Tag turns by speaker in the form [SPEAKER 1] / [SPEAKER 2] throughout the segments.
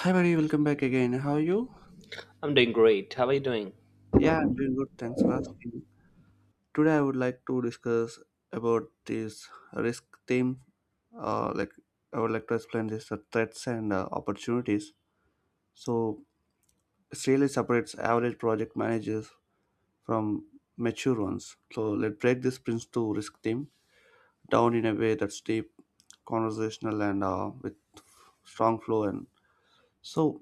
[SPEAKER 1] Hi, buddy. Welcome back again. How are you?
[SPEAKER 2] I'm doing great. How are you doing?
[SPEAKER 1] Yeah, I'm doing good. Thanks for asking. Today, I would like to discuss about this risk theme. Uh, like, I would like to explain this threats and opportunities. So, it really separates average project managers from mature ones. So, let's break this Prince to risk theme down in a way that's deep, conversational, and with strong flow and so,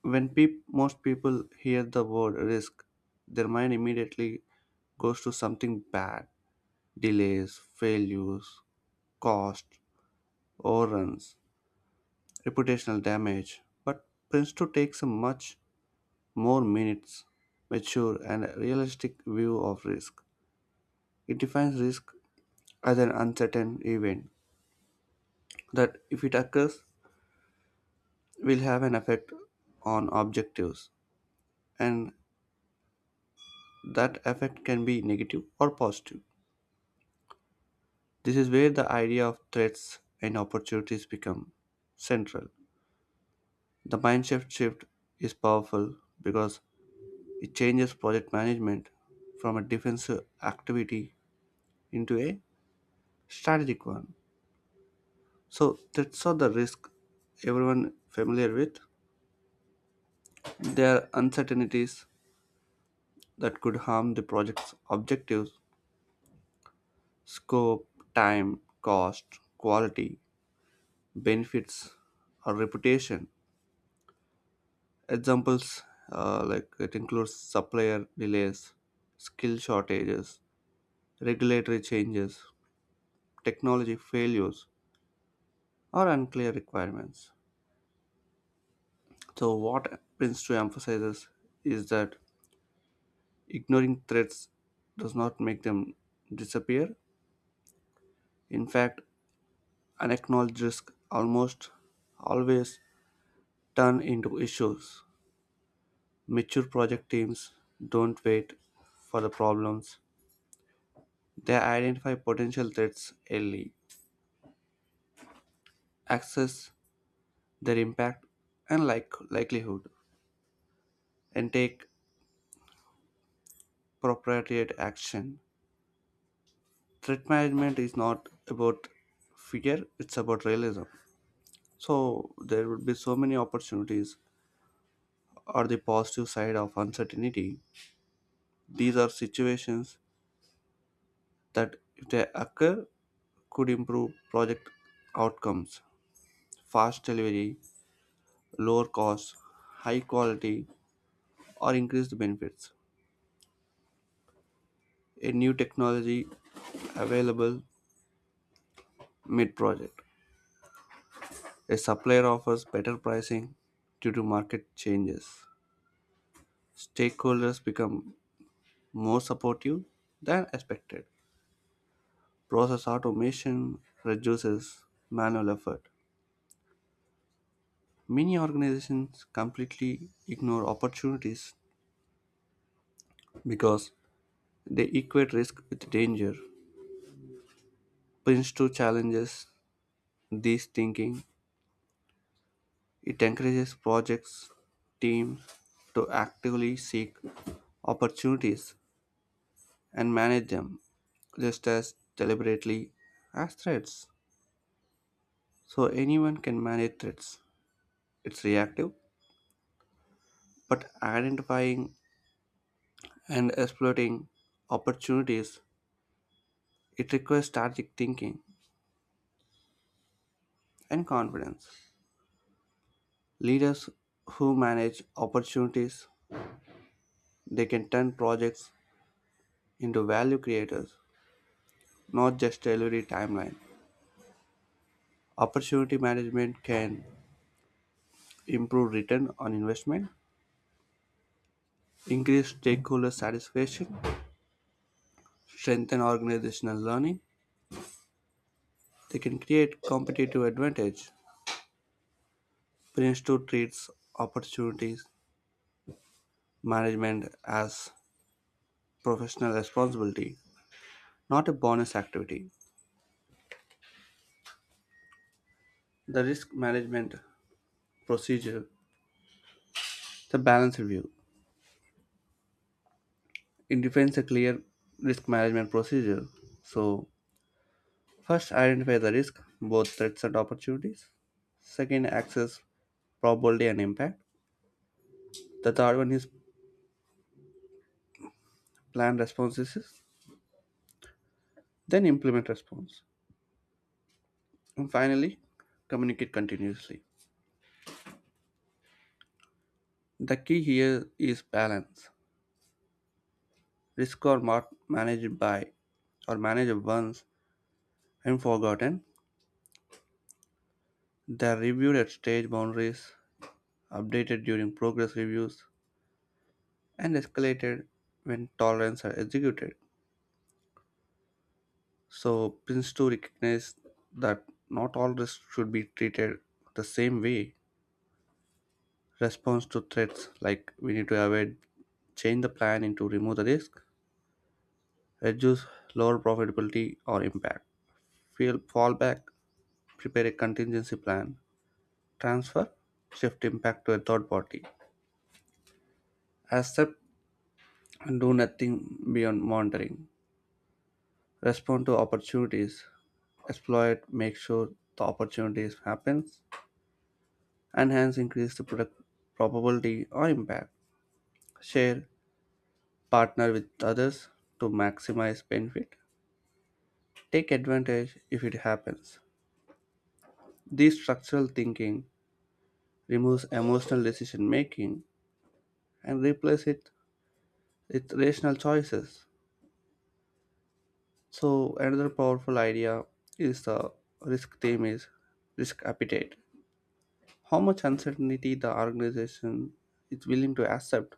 [SPEAKER 1] when most people hear the word risk, their mind immediately goes to something bad: delays, failures, cost, overruns, reputational damage. But Prince 2 takes a much more minutes, mature, and realistic view of risk. It defines risk as an uncertain event that, if it occurs, will have an effect on objectives, and that effect can be negative or positive. This is where the idea of threats and opportunities become central. The mindshift shift is powerful because it changes project management from a defensive activity into a strategic one. So threats are the risk everyone familiar with. They are uncertainties that could harm the project's objectives, scope, time, cost, quality, benefits, or reputation. Examples it includes supplier delays, skill shortages, regulatory changes, technology failures, or unclear requirements. So, what Prince 2 emphasizes is that ignoring threats does not make them disappear. In fact, unacknowledged risk almost always turn into issues. Mature project teams don't wait for the problems, they identify potential threats early, assess their impact and likelihood, and take appropriate action. Threat management is not about fear, it's about realism. So, there would be so many opportunities or the positive side of uncertainty. These are situations that, if they occur, could improve project outcomes, fast delivery, lower costs, high quality, or increased benefits. A new technology available mid project. A supplier offers better pricing due to market changes. Stakeholders become more supportive than expected. Process automation reduces manual effort. Many organizations completely ignore opportunities because they equate risk with danger. Prince 2 challenges this thinking. It encourages projects teams to actively seek opportunities and manage them just as deliberately as threats. So anyone can manage threats. It's reactive, but identifying and exploiting opportunities, it requires strategic thinking and confidence. Leaders who manage opportunities, they can turn projects into value creators, not just delivery timeline. Opportunity management can improve return on investment, increase stakeholder satisfaction, strengthen organizational learning. They can create competitive advantage. Prince 2 treats opportunities management as professional responsibility, not a bonus activity. The risk management procedure, the balance review. It defines a clear risk management procedure. So, first identify the risk, both threats and opportunities. Second, access probability and impact. The third one is plan responses, then implement response. And finally, communicate continuously. The key here is balance. Risk or not managed by or managed once and forgotten. They are reviewed at stage boundaries, updated during progress reviews, and escalated when tolerance are executed. So Prince 2 recognized that not all risks should be treated the same way. Response to threats like we need to avoid, change the plan into remove the risk, reduce, lower profitability or impact. Fail fallback, prepare a contingency plan, transfer, shift impact to a third party. Accept and do nothing beyond monitoring. Respond to opportunities, exploit, make sure the opportunities happens, enhance, increase the product probability or impact. Share, partner with others to maximize benefit. Take advantage if it happens. This structural thinking removes emotional decision making and replaces it with rational choices. So another powerful idea is the risk theme is risk appetite. How much uncertainty the organization is willing to accept.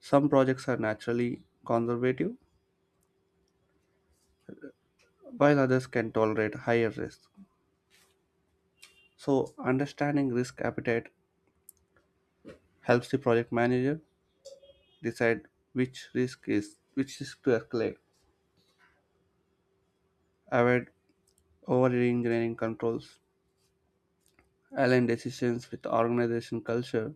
[SPEAKER 1] Some projects are naturally conservative while others can tolerate higher risk. So understanding risk appetite helps the project manager decide which risk to escalate, avoid over engineering controls, align decisions with organization culture.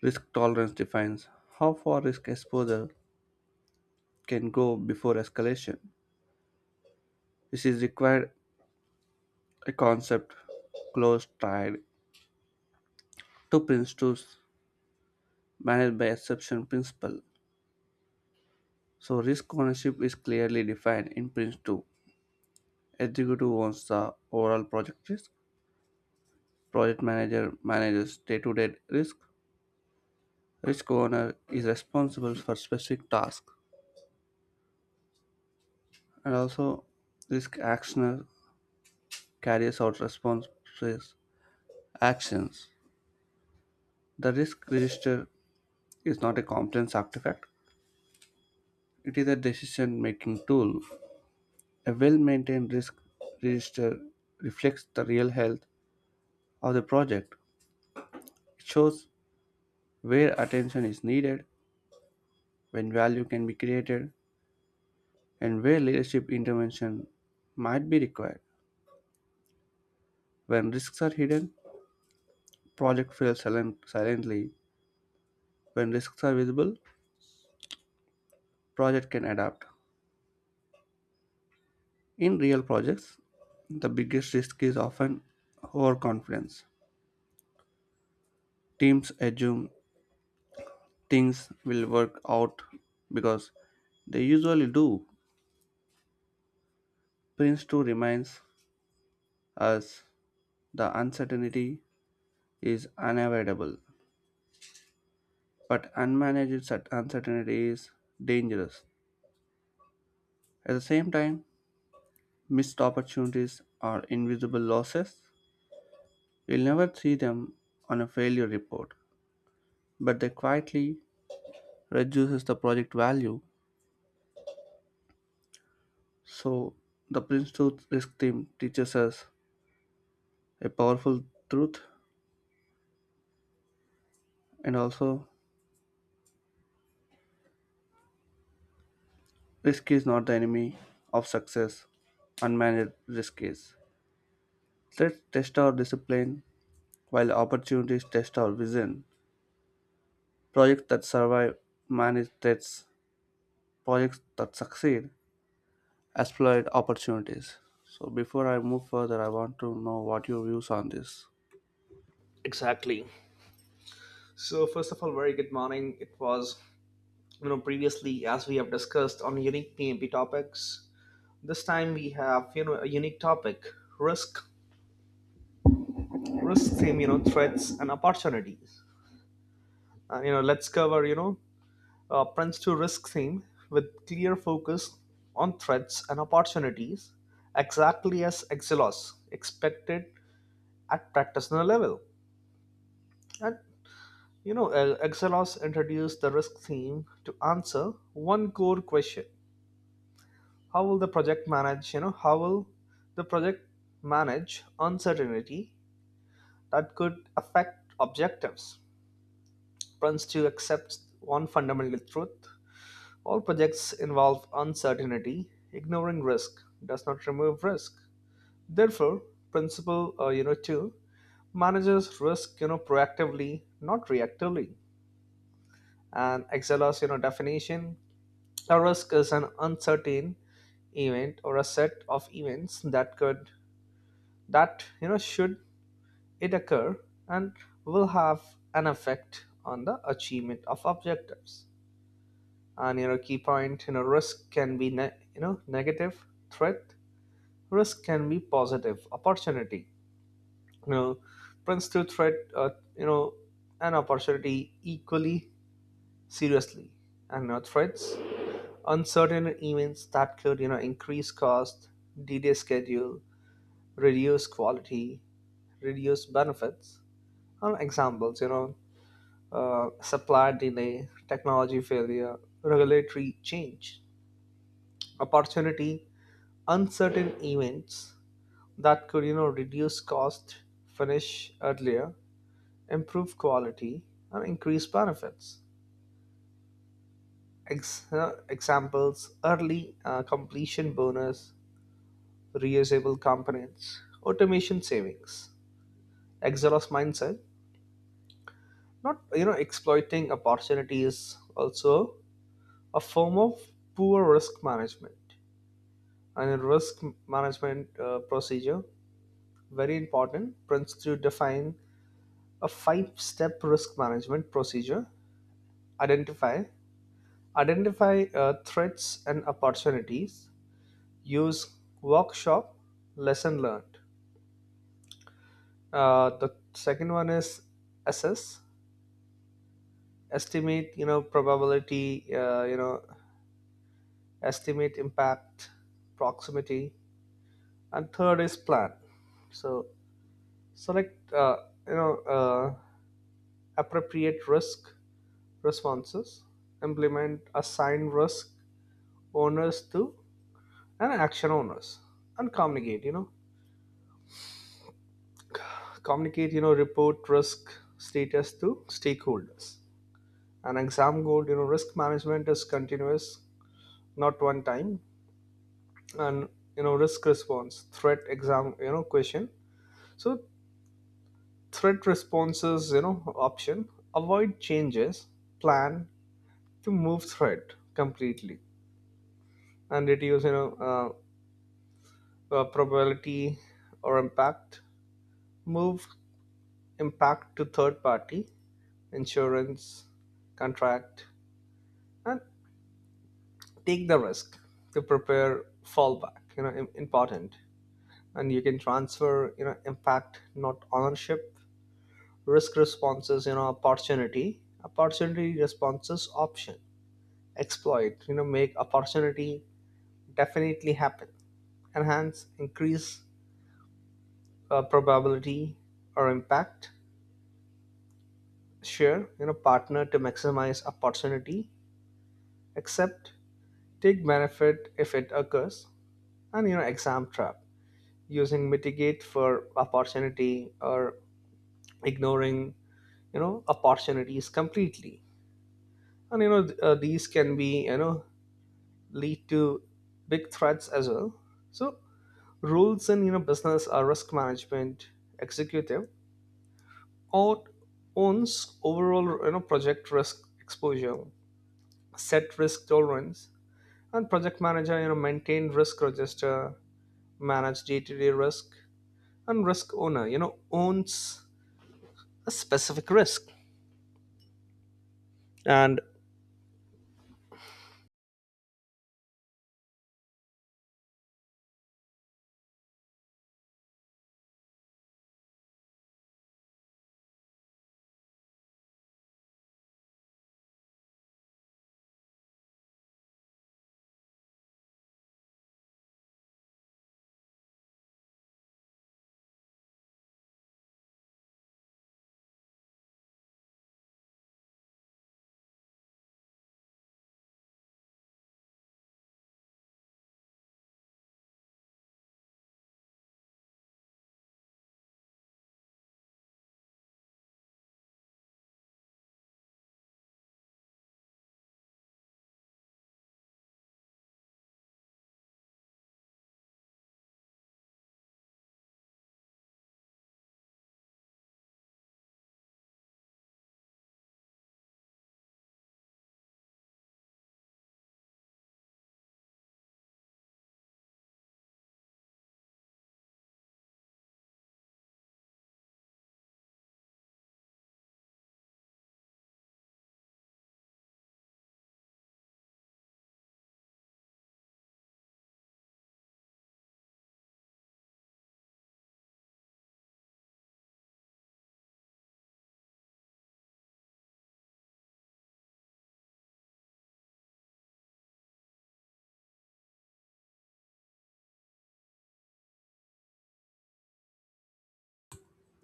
[SPEAKER 1] Risk tolerance defines how far risk exposure can go before escalation. This is required a concept close tied to Prince 2's managed by exception principle. So risk ownership is clearly defined in Prince 2. Executive owns the overall project risk. Project manager manages day-to-day risk. Risk owner is responsible for specific tasks and also risk actioner carries out responses actions. The risk register is not a competence artifact, it is a decision making tool. A well maintained risk register reflects the real health of the project. It shows where attention is needed, when value can be created, and where leadership intervention might be required. When risks are hidden, project silently. When risks are visible, project can adapt. In real projects, the biggest risk is often overconfidence. Teams assume things will work out because they usually do. Prince 2 reminds us the uncertainty is unavoidable, but unmanaged uncertainty is dangerous. At the same time, missed opportunities are invisible losses. You'll never see them on a failure report, but they quietly reduces the project value. So, the Prince Truth risk theme teaches us a powerful truth and also risk is not the enemy of success. Unmanaged risk is. Let's test our discipline while opportunities test our vision. Projects that survive manage threats, projects that succeed exploit opportunities. So, before I move further, I want to know what your views on this.
[SPEAKER 2] Exactly. So, first of all, very good morning. It was, previously, as we have discussed on unique PMP topics, this time we have, a unique topic risk, risk theme, threats and opportunities. And, let's cover, Prince to risk theme with clear focus on threats and opportunities, exactly as Exelos expected at practitioner level. And Excelos introduced the risk theme to answer one core question: how will the project manage? How will the project manage uncertainty that could affect objectives? Prince to accept one fundamental truth: all projects involve uncertainty. Ignoring risk does not remove risk. Therefore, principle two manages risk proactively, not reactively. And Excelos definition: a risk is an uncertain event or a set of events that could that you know should it occur and will have an effect on the achievement of objectives. And key point, risk can be negative threat. Risk can be positive opportunity. You know Prince threat you know an opportunity equally seriously. And threats, uncertain events that could increase cost, delay schedule, reduce quality, reduce benefits. Are examples, supply delay, technology failure, regulatory change. Opportunity, uncertain events that could reduce cost, finish earlier, improve quality, and increase benefits. Examples: early completion bonus, reusable components, automation savings. Exelos mindset, not exploiting opportunities also a form of poor risk management. And in risk management procedure, very important, prints to define a five step risk management procedure. Identify, identify threats and opportunities, use workshop, lesson learned. Uh, the second one is assess, estimate probability, estimate impact, proximity. And third is plan, so select you know uh, appropriate risk responses. Implement, assign risk owners to and action owners. And communicate, communicate, report risk status to stakeholders. An exam goal, risk management is continuous, not one time. And risk response threat exam question. So threat responses option: avoid, changes plan to move threat completely. And reduce probability or impact. Move impact to third party, insurance, contract. And take the risk to prepare fallback, important. And you can transfer impact, not ownership. Risk responses, opportunity responses option: exploit, make opportunity definitely happen. Enhance, increase probability or impact. Share, partner to maximize opportunity. Accept, take benefit if it occurs. And exam trap, using mitigate for opportunity or ignoring opportunities completely. And these can be, lead to big threats as well. So rules in business are risk management. Executive or owns overall project risk exposure, set risk tolerance. And project manager, maintain risk register, manage day-to-day risk. And risk owner owns a specific risk, and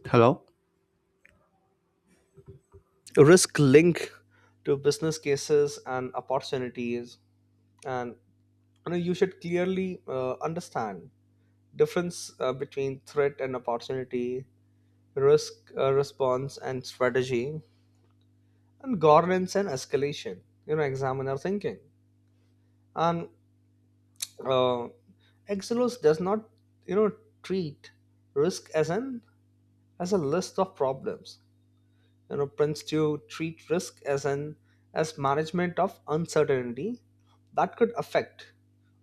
[SPEAKER 1] Hello?
[SPEAKER 2] risk link to business cases and opportunities. And you should clearly understand difference between threat and opportunity, risk response and strategy, and governance and escalation. You know, examiner thinking. And uh, Exelos does not, you know, treat risk as an as a list of problems. You know, Prince to treat risk as an as management of uncertainty that could affect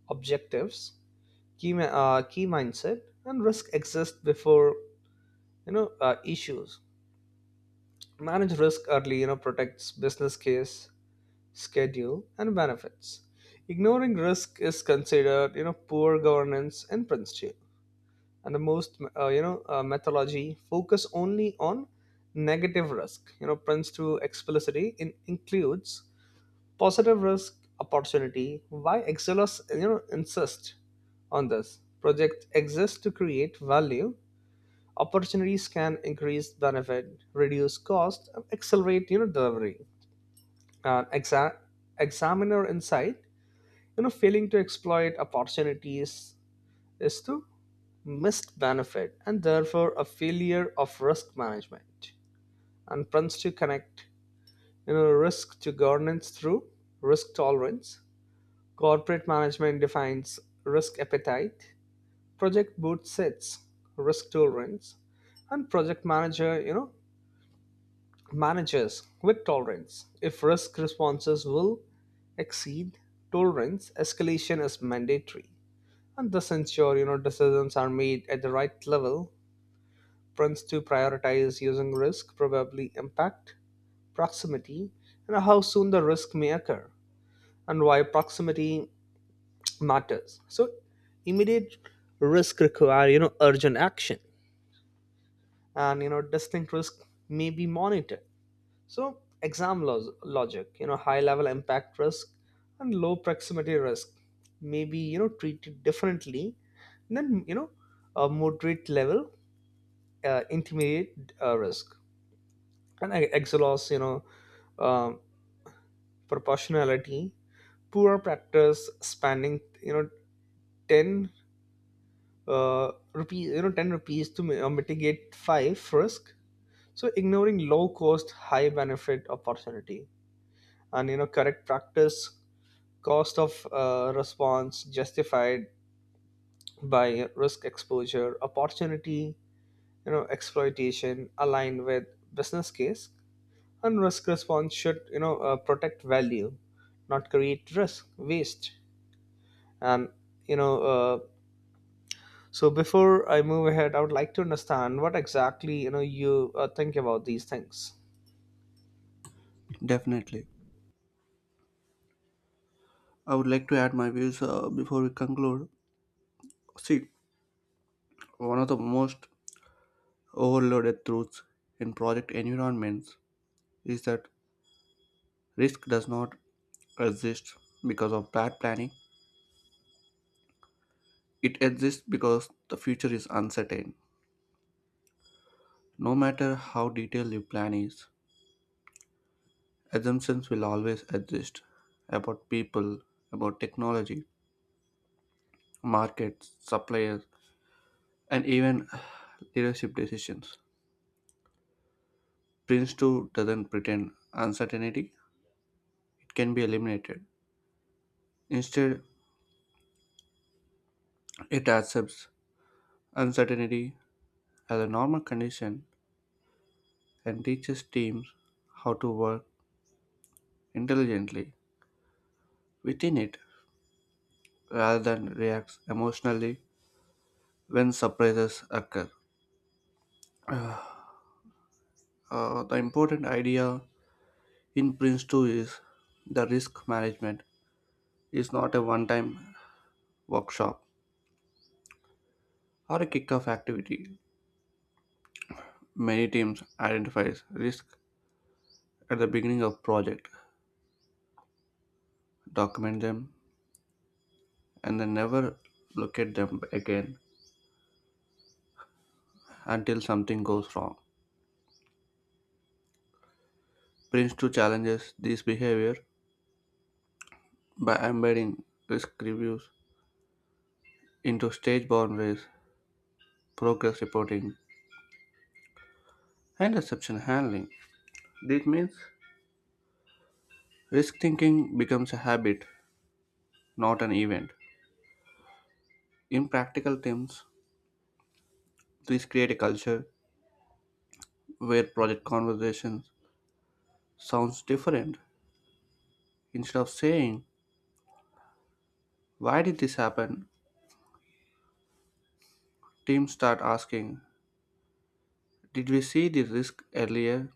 [SPEAKER 2] objectives. Key key mindset, and risk exists before issues. Manage risk early, protects business case, schedule, and benefits. Ignoring risk is considered, poor governance in principle. And the most, methodology focus only on negative risk. You know, Prince 2 explicitly includes positive risk opportunity. Why Excelos, insist on this? Project exists to create value. Opportunities can increase benefit, reduce cost, and accelerate delivery. And examiner insight, failing to exploit opportunities is to missed benefit and therefore a failure of risk management. And plans to connect risk to governance through risk tolerance. Corporate management defines risk appetite. Project boot sets risk tolerance, and project manager Managers with tolerance. If risk responses will exceed tolerance, escalation is mandatory. And this ensure decisions are made at the right level. Prince to prioritize using risk, probably impact, proximity, and how soon the risk may occur, and why proximity matters. So immediate risk require urgent action, and distinct risk may be monitored. So, exam logic, high level impact risk and low proximity risk may be, treated differently than, a moderate level intermediate risk. And I exhaust, um proportionality. Poor practice: spending, 10 rupees, 10 rupees to mitigate five risk. So, ignoring low cost, high benefit opportunity. And, correct practice: cost of response justified by risk exposure, opportunity exploitation aligned with business case. And risk response should protect value, not create risk waste. And you know uh, so before I move ahead, I would like to understand what exactly, you think about these things.
[SPEAKER 1] Definitely. I would like to add my views before we conclude. See, one of the most overloaded truths in project environments is that risk does not exist because of bad planning. It exists because the future is uncertain. No matter how detailed your plan is, assumptions will always exist about people, about technology, markets, suppliers, and even leadership decisions. Prince 2 doesn't pretend uncertainty, it can be eliminated. Instead, it accepts uncertainty as a normal condition and teaches teams how to work intelligently within it rather than reacts emotionally when surprises occur. The important idea in Prince 2 is the risk management is not a one-time workshop or a kick-off activity. Many teams identify risk at the beginning of project, document them, and then never look at them again until something goes wrong. Prince2 challenges this behavior by embedding risk reviews into stage boundaries, progress reporting, and exception handling. This means risk thinking becomes a habit, not an event. In practical terms, this create a culture where project conversations sounds different. Instead of saying, why did this happen? Teams start asking, did we see the risk earlier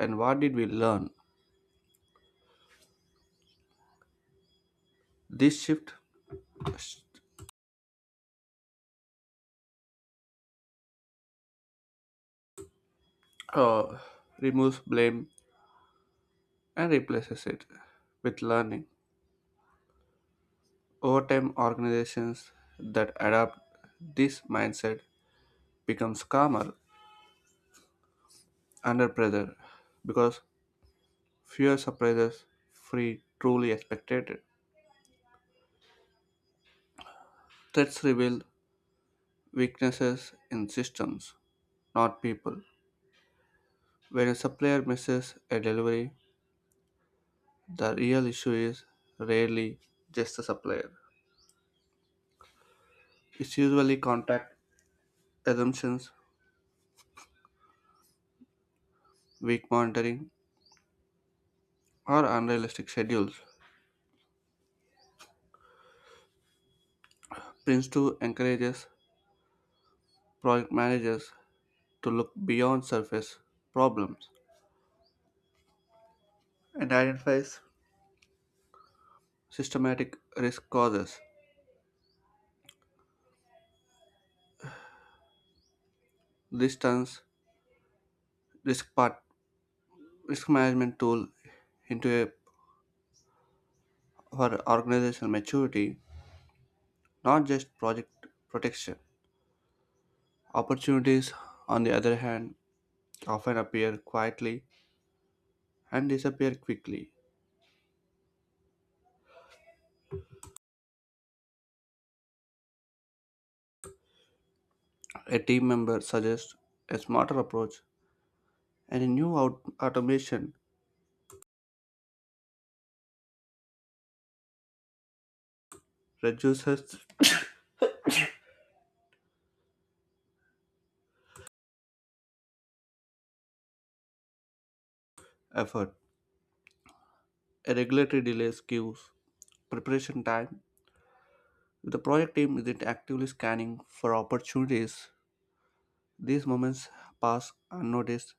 [SPEAKER 1] and what did we learn? This shift uh, removes blame and replaces it with learning. Over time, organizations that adopt this mindset becomes calmer under pressure because fewer surprises free truly expected. Threats reveal weaknesses in systems, not people. When a supplier misses a delivery, the real issue is rarely just the supplier. It's usually contact assumptions, weak monitoring, or unrealistic schedules. Prince2 encourages project managers to look beyond surface problems and identify systematic risk causes. This turns risk part risk management tool into a for organizational maturity, not just project protection. Opportunities, on the other hand, often appear quietly and disappear quickly. A team member suggests a smarter approach, and a new automation reduces effort. Regulatory delays queues, preparation time. If the project team isn't actively scanning for opportunities, these moments pass unnoticed.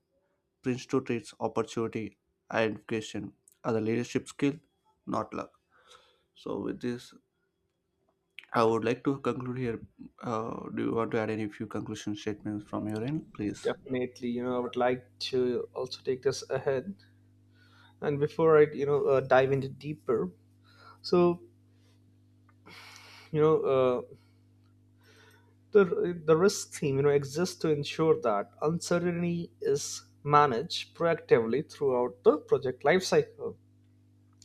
[SPEAKER 1] Prince 2 treats opportunity identification as a leadership skill, not luck. So, with this, I would like to conclude here. Do you want to add any few conclusion statements from your end, please?
[SPEAKER 2] Definitely, I would like to also take this ahead. And before I, dive into deeper, so you know uh, the risk team, exists to ensure that uncertainty is managed proactively throughout the project lifecycle.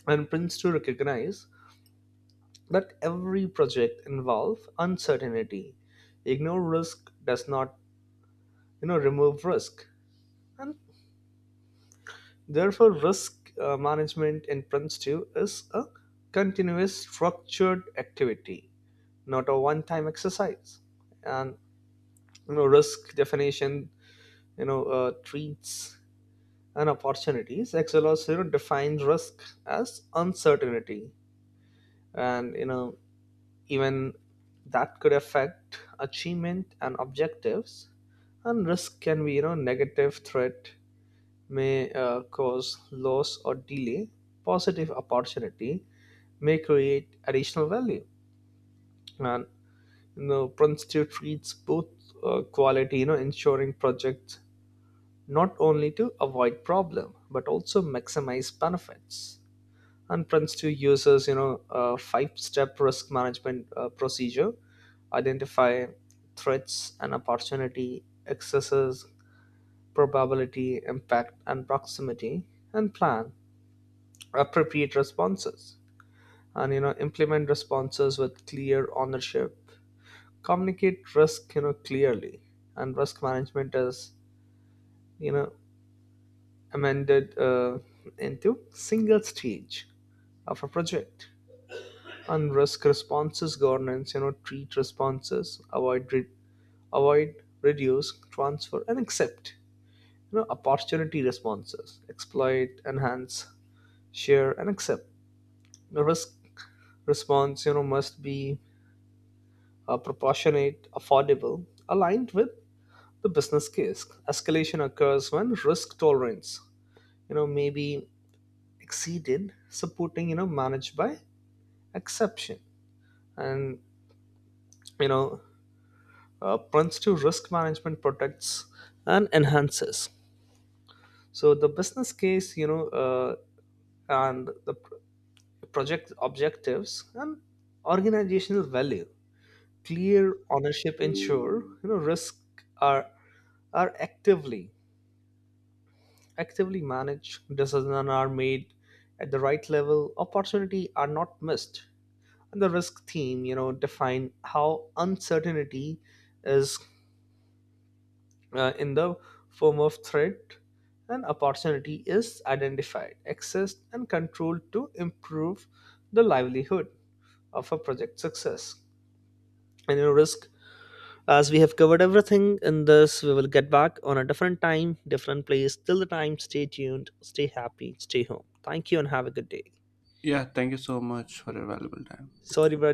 [SPEAKER 2] And Prince to recognize that every project involves uncertainty. Ignore risk does not remove risk. And therefore risk management in Prince 2 is a continuous structured activity, not a one-time exercise. And risk definition, treats and opportunities. Exelos, defines risk as uncertainty, and even that could affect achievement and objectives. And risk can be negative threat, may cause loss or delay. Positive opportunity may create additional value, and Princeton treats both quality, ensuring projects not only to avoid problem but also maximize benefits. And prints to users a five step risk management procedure: identify threats and opportunity, excesses probability impact and proximity, and plan appropriate responses. And implement responses with clear ownership, communicate risk clearly. And risk management is, you know amended into single stage of a project. And risk responses governance, treat responses: avoid, reduce, transfer, and accept. Opportunity responses: exploit, enhance, share, and accept. The risk response must be proportionate, affordable, aligned with the business case. Escalation occurs when risk tolerance, may be exceeded, supporting managed by exception. And you know principal risk management protects and enhances. So the business case, and the project objectives and organizational value. Clear ownership ensure risk are are actively actively managed. Decisions are made at the right level. Opportunity are not missed. And the risk team, define how uncertainty is in the form of threat and opportunity is identified, accessed, and controlled to improve the livelihood of a project success. And risk, as we have covered everything in this, we will get back on a different time, different place. Till the time, stay tuned, stay happy, stay home. Thank you, and have a good day.
[SPEAKER 1] Yeah, thank you so much for your valuable time.
[SPEAKER 2] Sorry, brother.